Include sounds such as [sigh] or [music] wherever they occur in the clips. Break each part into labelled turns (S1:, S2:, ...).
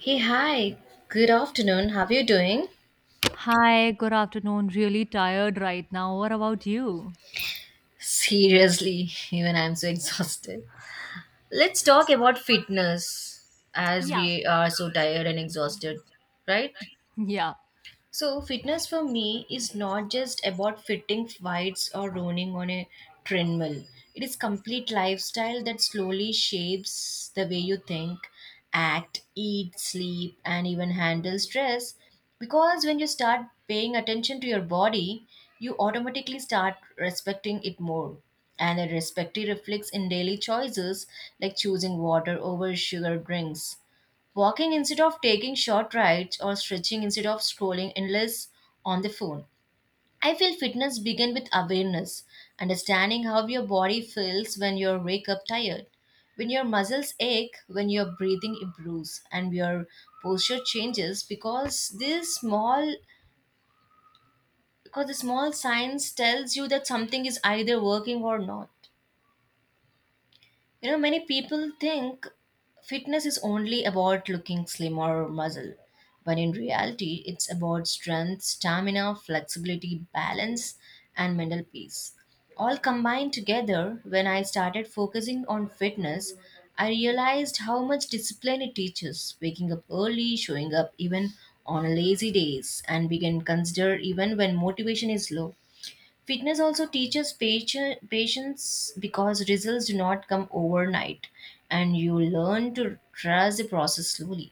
S1: Hey, hi. Good afternoon. How are you doing?
S2: Hi, good afternoon. Really tired right now. What about you?
S1: Seriously, [laughs] even I'm so exhausted. Let's talk about fitness as
S2: Yeah,
S1: we are so tired and exhausted, right?
S2: Yeah.
S1: So, fitness for me is not just about fitting whites or running on a treadmill. It is complete lifestyle that slowly shapes the way you think, act, eat, sleep, and even handle stress. Because when you start paying attention to your body, you automatically start respecting it more. And that respect reflects in daily choices like choosing water over sugar drinks, walking instead of taking short rides, or stretching instead of scrolling endless on the phone. I feel fitness begins with awareness, understanding how your body feels when you wake up tired, when your muscles ache, when your breathing improves, and your posture changes because this small because the small signs tells you that something is either working or not. You know, many people think fitness is only about looking slim or muscle, but in reality, it's about strength, stamina, flexibility, balance, and mental peace. All combined together, when I started focusing on fitness, I realized how much discipline it teaches, waking up early, showing up even on lazy days, and we can consider even when motivation is low. Fitness also teaches patience because results do not come overnight and you learn to trust the process slowly.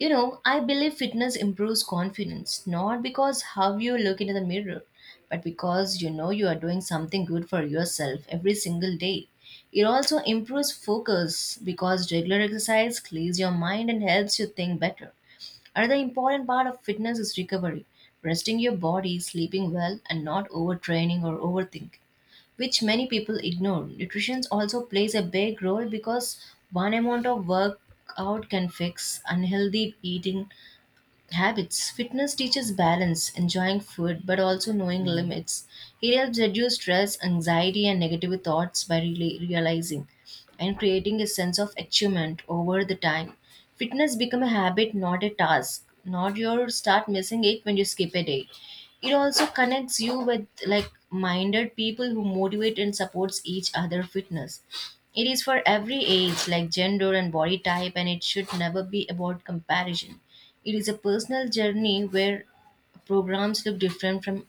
S1: You know, I believe fitness improves confidence not because how you look into the mirror, but because you know you are doing something good for yourself every single day. It also improves focus because regular exercise clears your mind and helps you think better. Another important part of fitness is recovery, resting your body, sleeping well, and not overtraining or overthinking, which many people ignore. Nutrition also plays a big role because one amount of workout can fix unhealthy eating, habits. Fitness teaches balance, enjoying food, but also knowing limits. It helps reduce stress, anxiety, and negative thoughts by realizing and creating a sense of achievement over the time. Fitness become a habit, not a task. Not your start missing it when you skip a day. It also connects you with like minded people who motivate and supports each other fitness. It is for every age, like gender and body type, and it should never be about comparison. It is a personal journey where programs look different from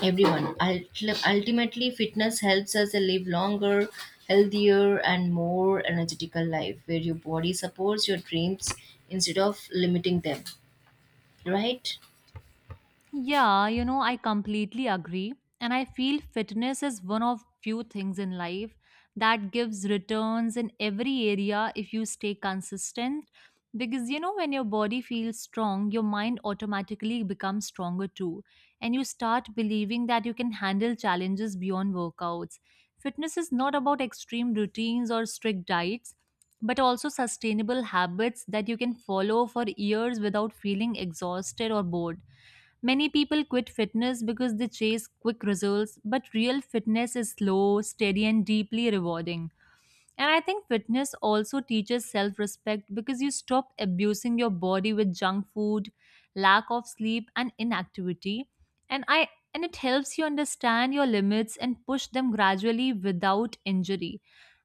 S1: everyone. Ultimately, fitness helps us live longer, healthier, and more energetical life where your body supports your dreams instead of limiting them. Right?
S2: Yeah, you know, I completely agree. And I feel fitness is one of few things in life that gives returns in every area if you stay consistent. Because, you know, when your body feels strong, your mind automatically becomes stronger too. And you start believing that you can handle challenges beyond workouts. Fitness is not about extreme routines or strict diets, but also sustainable habits that you can follow for years without feeling exhausted or bored. Many people quit fitness because they chase quick results, but real fitness is slow, steady, and deeply rewarding. And I think fitness also teaches self respect because you stop abusing your body with junk food, lack of sleep, and inactivity. And I and it helps you understand your limits and push them gradually without injury.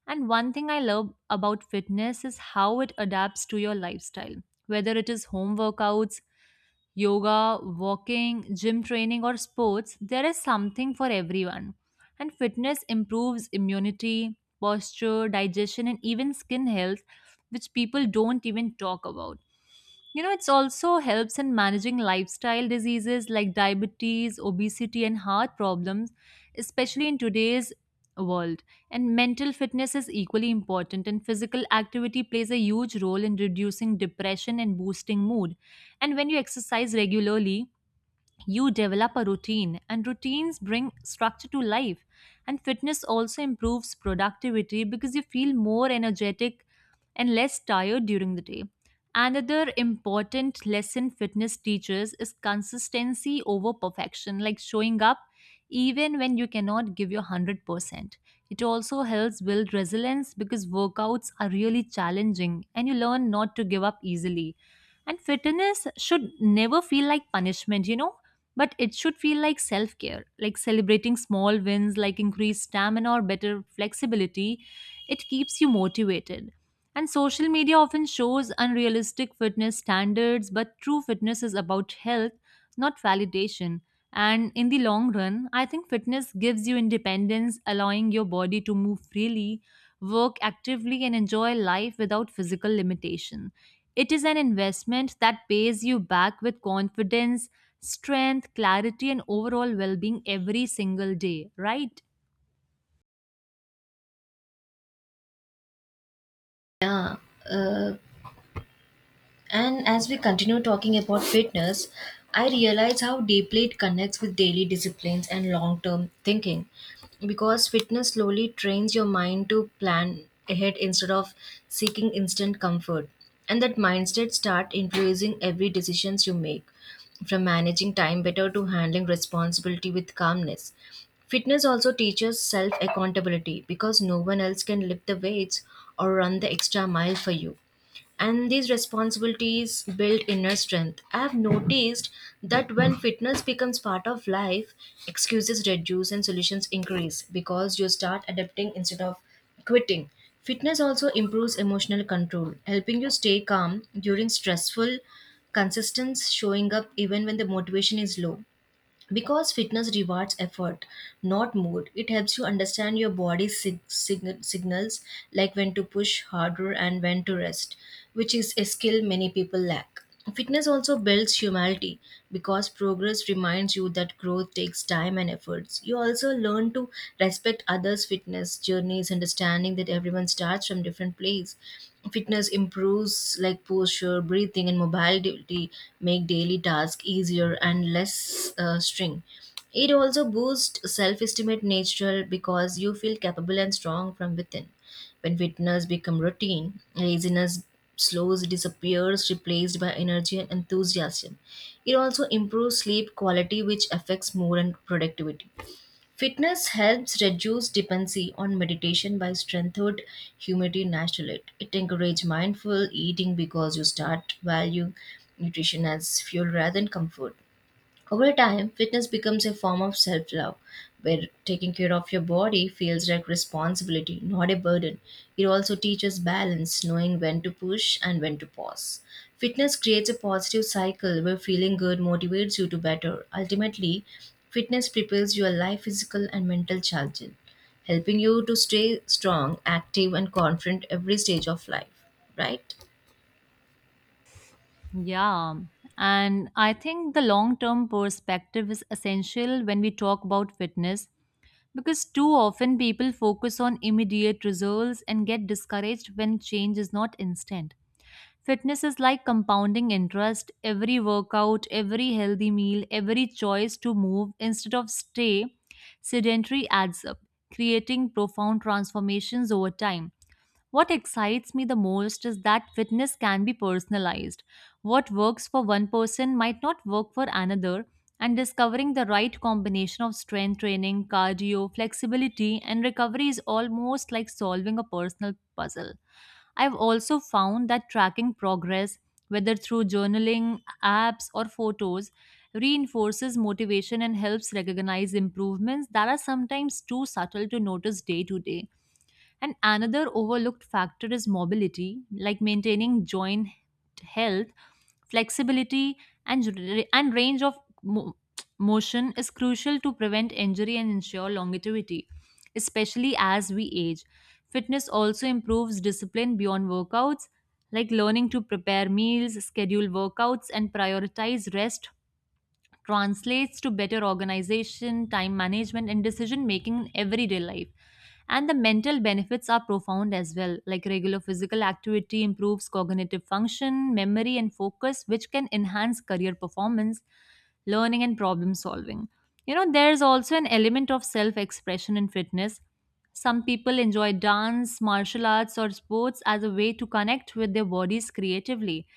S2: And one thing I love about fitness is how it adapts to your lifestyle, whether it is home workouts, yoga, walking, gym training, or sports, there is something for everyone. And fitness improves immunity, posture, digestion, and even skin health, which people don't even talk about. You know, it's also helps in managing lifestyle diseases like diabetes, obesity, and heart problems, especially in today's world. And mental fitness is equally important, and physical activity plays a huge role in reducing depression and boosting mood. And when you exercise regularly, you develop a routine and routines bring structure to life, and fitness also improves productivity because you feel more energetic and less tired during the day. Another important lesson fitness teaches is consistency over perfection, like showing up even when you cannot give your 100%. It also helps build resilience because workouts are really challenging and you learn not to give up easily, and fitness should never feel like punishment, you know, but it should feel like self care, like celebrating small wins like increased stamina or better flexibility. It keeps you motivated. And social media often shows unrealistic fitness standards, but true fitness is about health, not validation. And in the long run, I think fitness gives you independence, allowing your body to move freely, work actively, and enjoy life without physical limitation. It is an investment that pays you back with confidence, strength, clarity, and overall well being every single day, right?
S1: Yeah. Uh, And as we continue talking about fitness, I realize how deeply it connects with daily disciplines and long term thinking. Because fitness slowly trains your mind to plan ahead instead of seeking instant comfort. And that mindset start influencing every decisions you make, from managing time better to handling responsibility with calmness. Fitness also teaches self accountability because no one else can lift the weights or run the extra mile for you, and these responsibilities build inner strength. I have noticed that when fitness becomes part of life, excuses reduce and solutions increase because you start adapting instead of quitting. Fitness also improves emotional control, helping you stay calm during stressful consistence, showing up even when the motivation is low. Because fitness rewards effort, not mood, it helps you understand your body's signals, like when to push harder and when to rest, which is a skill many people lack. Fitness also builds humility because progress reminds you that growth takes time and efforts. You also learn to respect others' fitness journeys, understanding that everyone starts from different place. Fitness improves like posture, breathing, and mobility, make daily tasks easier and less string. It also boosts self-esteem at natural because you feel capable and strong from within. When fitness become routine, laziness slows, disappears, replaced by energy and enthusiasm. It also improves sleep quality, which affects mood and productivity. Fitness helps reduce dependency on meditation by strengthened humidity naturally. It encourages mindful eating because you start valuing nutrition as fuel rather than comfort. Over time, fitness becomes a form of self love, where taking care of your body feels like responsibility, not a burden. It also teaches balance, knowing when to push and when to pause. Fitness creates a positive cycle where feeling good motivates you to better. Ultimately, fitness prepares your life, physical, and mental challenges, helping you to stay strong, active, and confident every stage of life, right?
S2: Yeah. And I think the long term perspective is essential when we talk about fitness because too often people focus on immediate results and get discouraged when change is not instant. Fitness is like compounding interest. Every workout, every healthy meal, every choice to move instead of stay sedentary adds up, creating profound transformations over time. What excites me the most is that fitness can be personalized. What works for one person might not work for another, and discovering the right combination of strength training, cardio, flexibility, and recovery is almost like solving a personal puzzle. I've also found that tracking progress, whether through journaling, apps, or photos, reinforces motivation and helps recognize improvements that are sometimes too subtle to notice day to day. And another overlooked factor is mobility, like maintaining joint health, flexibility, and range of motion is crucial to prevent injury and ensure longevity, especially as we age. Fitness also improves discipline beyond workouts, like learning to prepare meals, schedule workouts, and prioritize rest translates to better organization, time management, and decision making in everyday life. And the mental benefits are profound as well, like regular physical activity improves cognitive function, memory, and focus, which can enhance career performance, learning, and problem solving. You know, there's also an element of self expression in fitness. Some people enjoy dance, martial arts, or sports as a way to connect with their bodies creatively,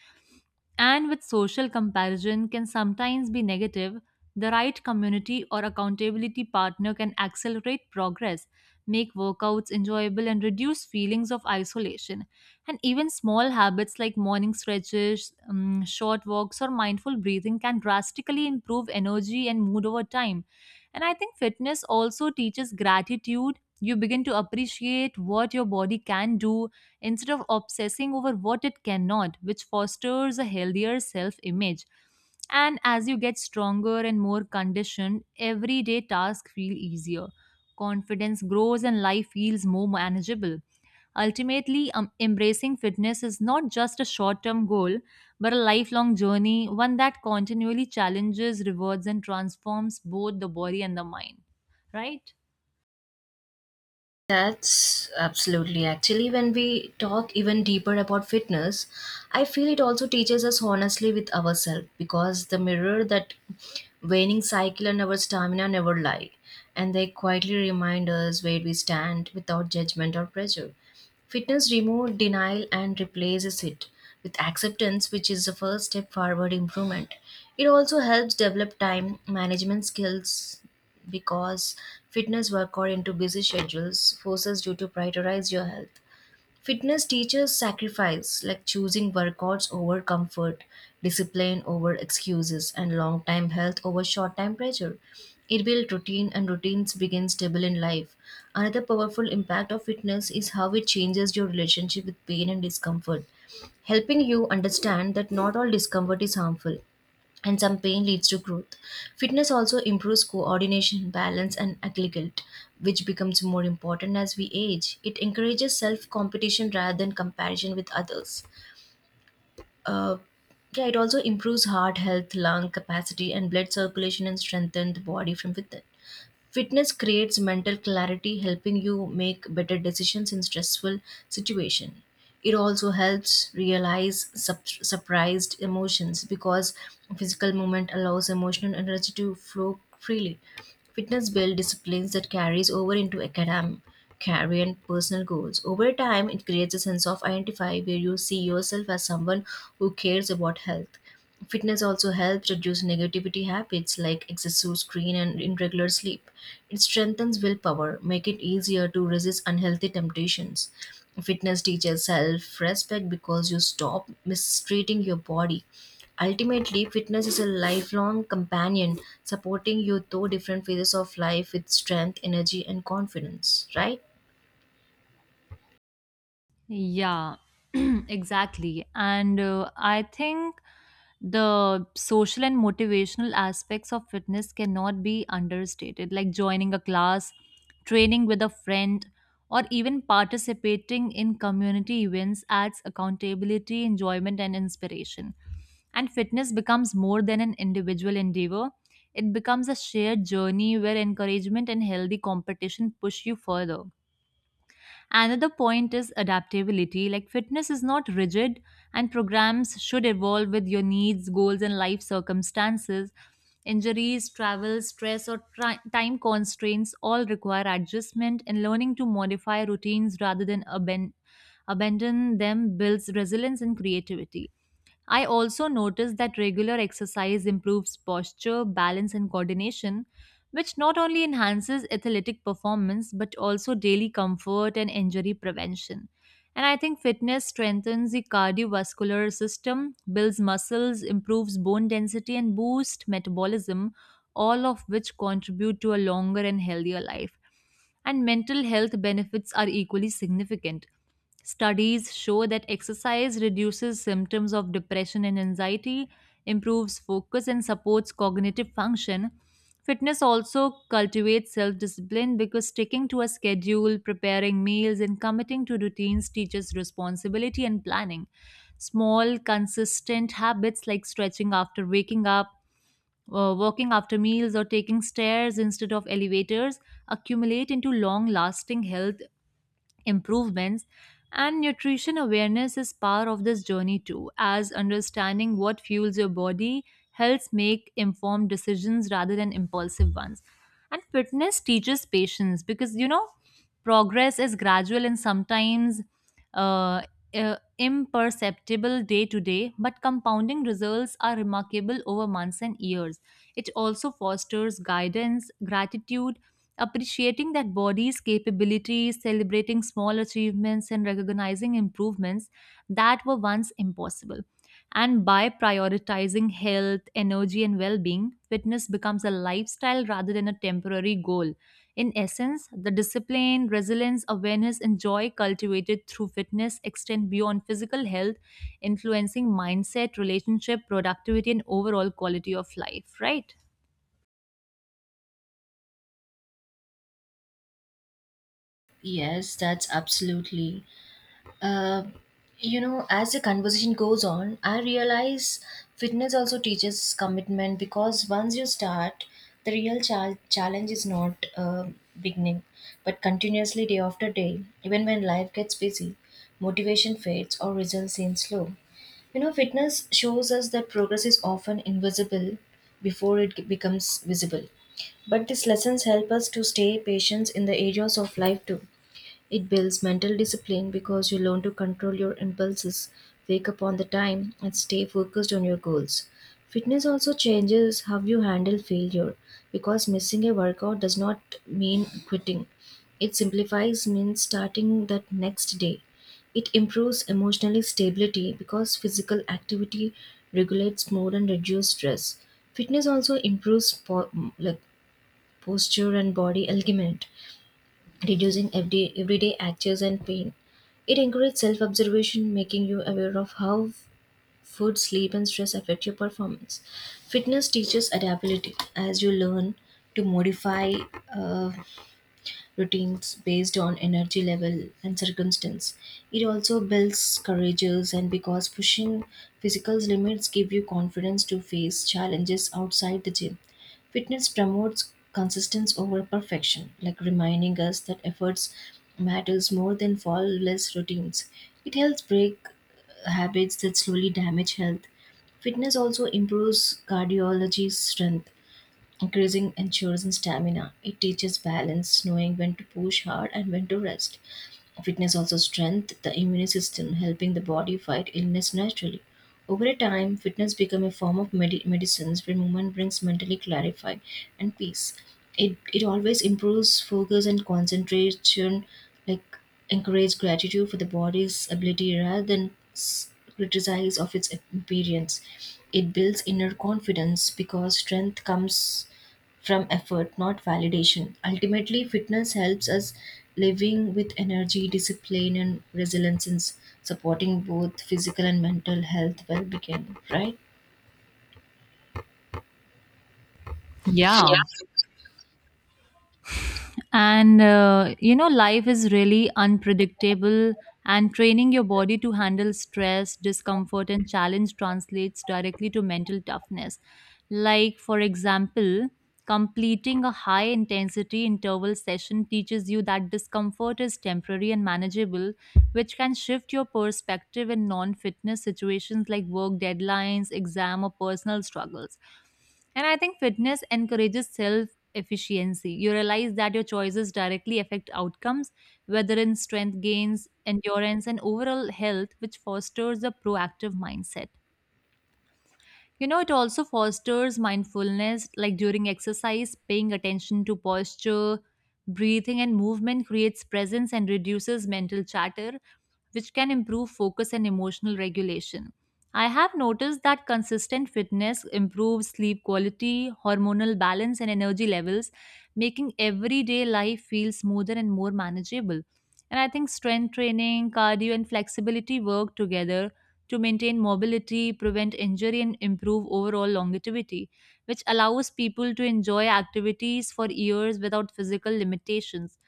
S2: and with social comparison can sometimes be negative, the right community or accountability partner can accelerate progress, make workouts enjoyable, and reduce feelings of isolation. And even small habits like morning stretches, short walks, or mindful breathing can drastically improve energy and mood over time. And I think fitness also teaches gratitude. You begin to appreciate what your body can do instead of obsessing over what it cannot, which fosters a healthier self image. And as you get stronger and more conditioned, everyday tasks feel easier. Confidence grows and life feels more manageable. Ultimately, embracing fitness is not just a short term goal, but a lifelong journey, one that continually challenges, rewards, and transforms both the body and the mind. Right?
S1: That's absolutely, actually when we talk even deeper about fitness, I feel it also teaches us honestly with ourselves because the mirror that waning cycle and our stamina never lie, and they quietly remind us where we stand without judgment or pressure. Fitness removes denial and replaces it with acceptance, which is the first step forward improvement. It also helps develop time management skills because fitness work or into busy schedules forces you to prioritize your health. Fitness teaches sacrifice, like choosing workouts over comfort, discipline over excuses, and long time health over short time pleasure. It builds routine, and routines begin stable in life. Another powerful impact of fitness is how it changes your relationship with pain and discomfort, helping you understand that not all discomfort is harmful and some pain leads to growth. Fitness also improves coordination, balance, and agility, which becomes more important as we age. It encourages self competition rather than comparison with others. Uh, yeah, it also improves heart health, lung capacity, and blood circulation, and strengthens the body from within. Fitness creates mental clarity, helping you make better decisions in stressful situation. It also helps realize surprised emotions because physical movement allows emotional energy to flow freely. Fitness builds disciplines that carries over into academic, career, and personal goals. Over time, it creates a sense of identify where you see yourself as someone who cares about health. Fitness also helps reduce negativity habits like excessive screen and irregular sleep. It strengthens willpower, make it easier to resist unhealthy temptations. Fitness teaches self-respect because you stop mistreating your body. Ultimately, fitness is a lifelong companion supporting you through different phases of life with strength, energy, and confidence, right?
S2: Yeah, [clears throat] exactly. And I think the social and motivational aspects of fitness cannot be understated, like joining a class, training with a friend, or even participating in community events adds accountability, enjoyment, and inspiration. And fitness becomes more than an individual endeavor. It becomes a shared journey where encouragement and healthy competition push you further. Another point is adaptability. Like fitness is not rigid, and programs should evolve with your needs, goals, and life circumstances. Injuries, travel, stress, or time constraints all require adjustment, and learning to modify routines rather than abandon them builds resilience and creativity. I also noticed that regular exercise improves posture, balance, and coordination, which not only enhances athletic performance but also daily comfort and injury prevention. And I think fitness strengthens the cardiovascular system, builds muscles, improves bone density, and boosts metabolism, all of which contribute to a longer and healthier life, and mental health benefits are equally significant. Studies show that exercise reduces symptoms of depression and anxiety, improves focus, and supports cognitive function. Fitness also cultivates self discipline because sticking to a schedule, preparing meals, and committing to routines teaches responsibility and planning. Small, consistent habits like stretching after waking up, walking after meals, or taking stairs instead of elevators accumulate into long lasting health improvements, and nutrition awareness is part of this journey too, as understanding what fuels your body helps make informed decisions rather than impulsive ones. And fitness teaches patience because, you know, progress is gradual and sometimes uh, imperceptible day to day, but compounding results are remarkable over months and years. It also fosters guidance gratitude, appreciating that body's capabilities, celebrating small achievements, and recognizing improvements that were once impossible. And by prioritizing health, energy, and well being, fitness becomes a lifestyle rather than a temporary goal. In essence, the discipline, resilience, awareness, and joy cultivated through fitness extend beyond physical health, influencing mindset, relationship, productivity, and overall quality of life, right?
S1: Yes, that's absolutely. Uh, you know, as the conversation goes on, I realize fitness also teaches commitment because once you start, the real challenge is not beginning, but continuously day after day. Even when life gets busy, motivation fades or results seem slow. You know, fitness shows us that progress is often invisible before it becomes visible. But these lessons help us to stay patient in the areas of life too. It builds mental discipline because you learn to control your impulses, wake up on the time, and stay focused on your goals. Fitness also changes how you handle failure because missing a workout does not mean quitting. It simplifies means starting that next day. It improves emotional stability because physical activity regulates mood and reduces stress. Fitness also improves like posture and body alignment, reducing everyday actors and pain. It encourages self observation, making you aware of how food, sleep, and stress affect your performance. Fitness teaches adaptability as you learn to modify uh, routines based on energy level and circumstance. It also builds courageous and because pushing physical limits give you confidence to face challenges outside the gym. Fitness promotes consistency over perfection, like reminding us that efforts matters more than flawless routines. It helps break habits that slowly damage health. Fitness also improves cardiology strength, increasing ensures in stamina. It teaches balance, knowing when to push hard and when to rest. Fitness also strengthens the immune system, helping the body fight illness naturally. Over a time, fitness becomes a form of medicine where movement brings mentally clarified and peace. It always improves focus and concentration, like encourage gratitude for the body's ability rather than criticize of its appearance. It builds inner confidence because strength comes from effort, not validation. Ultimately, fitness helps us living with energy, discipline, and resilience, in supporting both physical and mental health well-being.
S2: Yeah. And you know, life is really unpredictable, and training your body to handle stress, discomfort, and challenge translates directly to mental toughness. Like, for example, completing a high intensity interval session teaches you that discomfort is temporary and manageable, which can shift your perspective in non fitness situations like work deadlines, exam, or personal struggles. And I think fitness encourages self efficiency. You realize that your choices directly affect outcomes, whether in strength gains, endurance, and overall health, which fosters a proactive mindset. You know, it also fosters mindfulness, like during exercise, paying attention to posture, breathing, and movement creates presence and reduces mental chatter, which can improve focus and emotional regulation. I have noticed that consistent fitness improves sleep quality, hormonal balance, and energy levels, making everyday life feel smoother and more manageable. And I think strength training, cardio, and flexibility work together to maintain mobility, prevent injury, and improve overall longevity, which allows people to enjoy activities for years without physical limitations.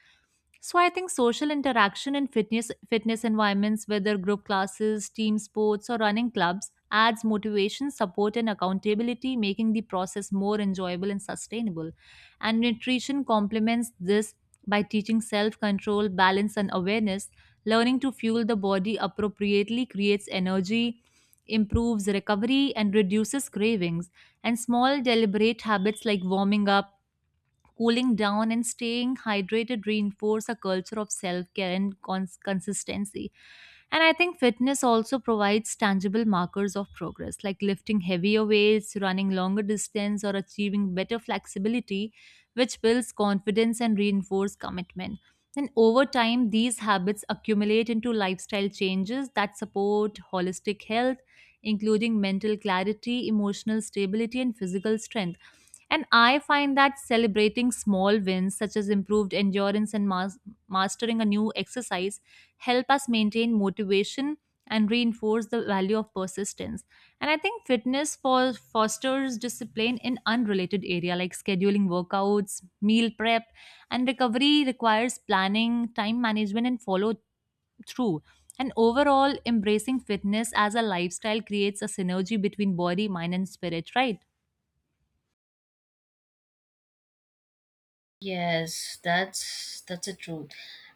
S2: So I think social interaction in fitness environments, whether group classes, team sports, or running clubs, adds motivation, support, and accountability, making the process more enjoyable and sustainable. And nutrition complements this by teaching self-control, balance, and awareness. Learning to fuel the body appropriately creates energy, improves recovery, and reduces cravings. And small deliberate habits like warming up, cooling down, and staying hydrated reinforce a culture of self care and consistency. And I think fitness also provides tangible markers of progress, like lifting heavier weights, running longer distance, or achieving better flexibility, which builds confidence and reinforce commitment. And over time, these habits accumulate into lifestyle changes that support holistic health, including mental clarity, emotional stability, and physical strength. And I find that celebrating small wins, such as improved endurance and mastering a new exercise, help us maintain motivation and reinforce the value of persistence. And I think fitness for fosters discipline in unrelated area, like scheduling workouts, meal prep, and recovery requires planning, time management, and follow through. And overall, embracing fitness as a lifestyle creates a synergy between body, mind, and spirit, right?
S1: Yes, that's a truth.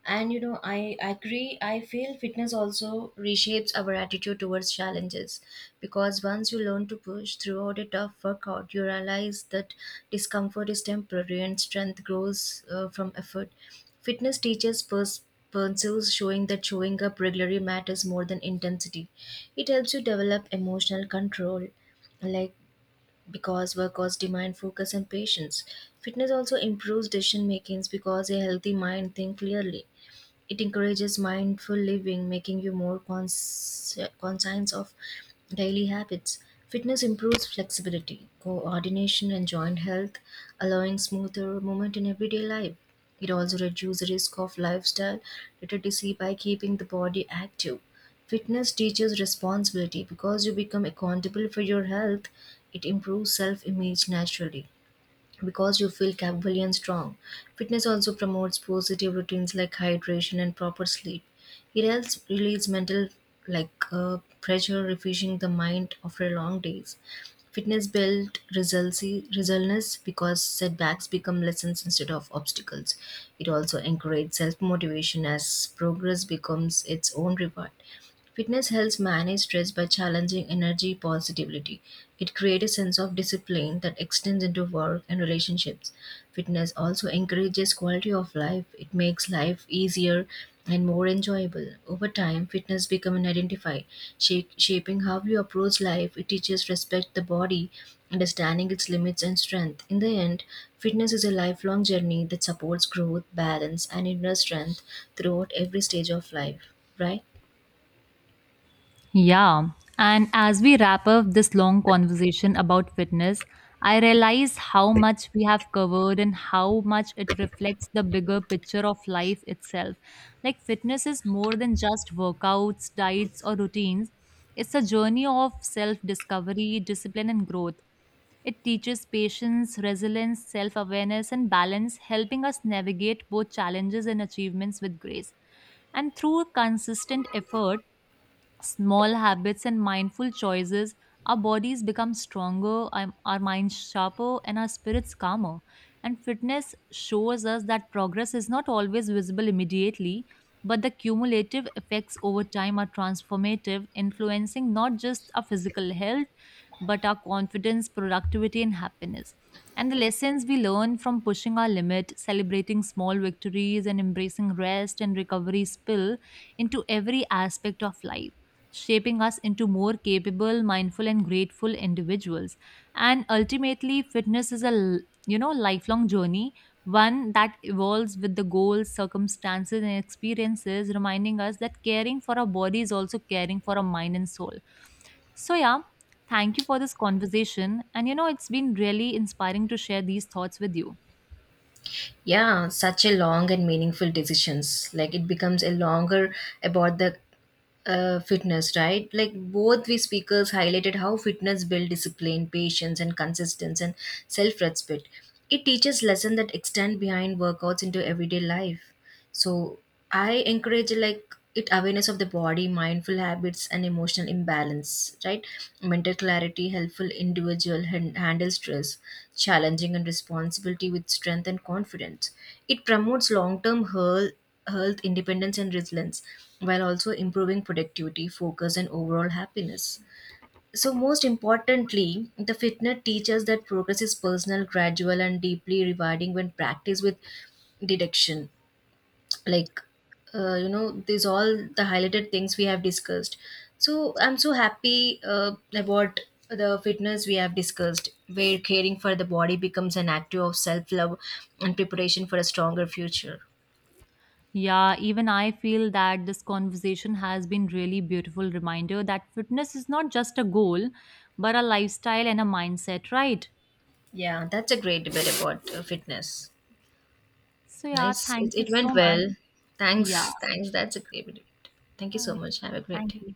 S1: And you know, I agree. I feel fitness also reshapes our attitude towards challenges because once you learn to push throughout a tough workout, you realize that discomfort is temporary and strength grows from effort. Fitness teaches pursues, showing that showing up regularly matters more than intensity. It helps you develop emotional control like because workouts demand focus and patience. Fitness also improves decision making because a healthy mind thinks clearly. It encourages mindful living, making you more conscious of daily habits. Fitness improves flexibility, coordination, and joint health, allowing smoother movement in everyday life. It also reduces risk of lifestyle literacy by keeping the body active. Fitness teaches responsibility because you become accountable for your health. It improves self image naturally because you feel capable and strong. Fitness also promotes positive routines like hydration and proper sleep. It helps release mental like pressure, refreshing the mind after long days. Fitness builds resilience because setbacks become lessons instead of obstacles. It also encourages self motivation as progress becomes its own reward. Fitness helps manage stress by challenging energy positivity. It creates a sense of discipline that extends into work and relationships. Fitness also encourages quality of life. It makes life easier and more enjoyable. Over time, fitness becomes an identity, shaping how you approach life. It teaches respect the body, understanding its limits and strength. In the end, fitness is a lifelong journey that supports growth, balance, and inner strength throughout every stage of life. Right?
S2: Yeah. And as we wrap up this long conversation about fitness, I realize how much we have covered and how much it reflects the bigger picture of life itself. Like, fitness is more than just workouts, diets, or routines, it's a journey of self discovery, discipline, and growth. It teaches patience, resilience, self awareness, and balance, helping us navigate both challenges and achievements with grace. And through consistent effort, small habits and mindful choices, our bodies become stronger, our minds sharper, and our spirits calmer. And fitness shows us that progress is not always visible immediately, but the cumulative effects over time are transformative, influencing not just our physical health, but our confidence, productivity, and happiness. And the lessons we learn from pushing our limit, celebrating small victories, and embracing rest and recovery spill into every aspect of life, shaping us into more capable, mindful, and grateful individuals. And ultimately, fitness is a lifelong journey, one that evolves with the goals, circumstances, and experiences, reminding us that caring for our body is also caring for our mind and soul. So yeah, thank you for this conversation, and you know it's been really inspiring to share these thoughts with you.
S1: Yeah, such a long and meaningful decisions, like it becomes a longer about the fitness, right? Like both we speakers highlighted how fitness build discipline, patience, and consistency, and self-respect. It teaches lesson that extend behind workouts into everyday life. So I encourage like it awareness of the body, mindful habits, and emotional imbalance. Right, mental clarity, helpful individual handle stress, challenging and responsibility with strength and confidence. It promotes long-term health, health independence, and resilience, while also improving productivity, focus, and overall happiness. So, most importantly, the fitness teaches that progress is personal, gradual, and deeply rewarding when practiced with deduction, like you know, these all the highlighted things we have discussed. So I'm so happy about the fitness we have discussed, where caring for the body becomes an act of self-love and preparation for a stronger future.
S2: Yeah, even I feel that this conversation has been really beautiful reminder that fitness is not just a goal, but a lifestyle and a mindset, right?
S1: Yeah, that's a great debate about fitness.
S2: So yeah,
S1: Nice. it,
S2: thank you
S1: it
S2: so
S1: went
S2: much.
S1: well.
S2: Yeah.
S1: Thanks. That's a great debate. Thank you so
S2: Okay.
S1: much. Have a great
S2: Thank
S1: day.
S2: you.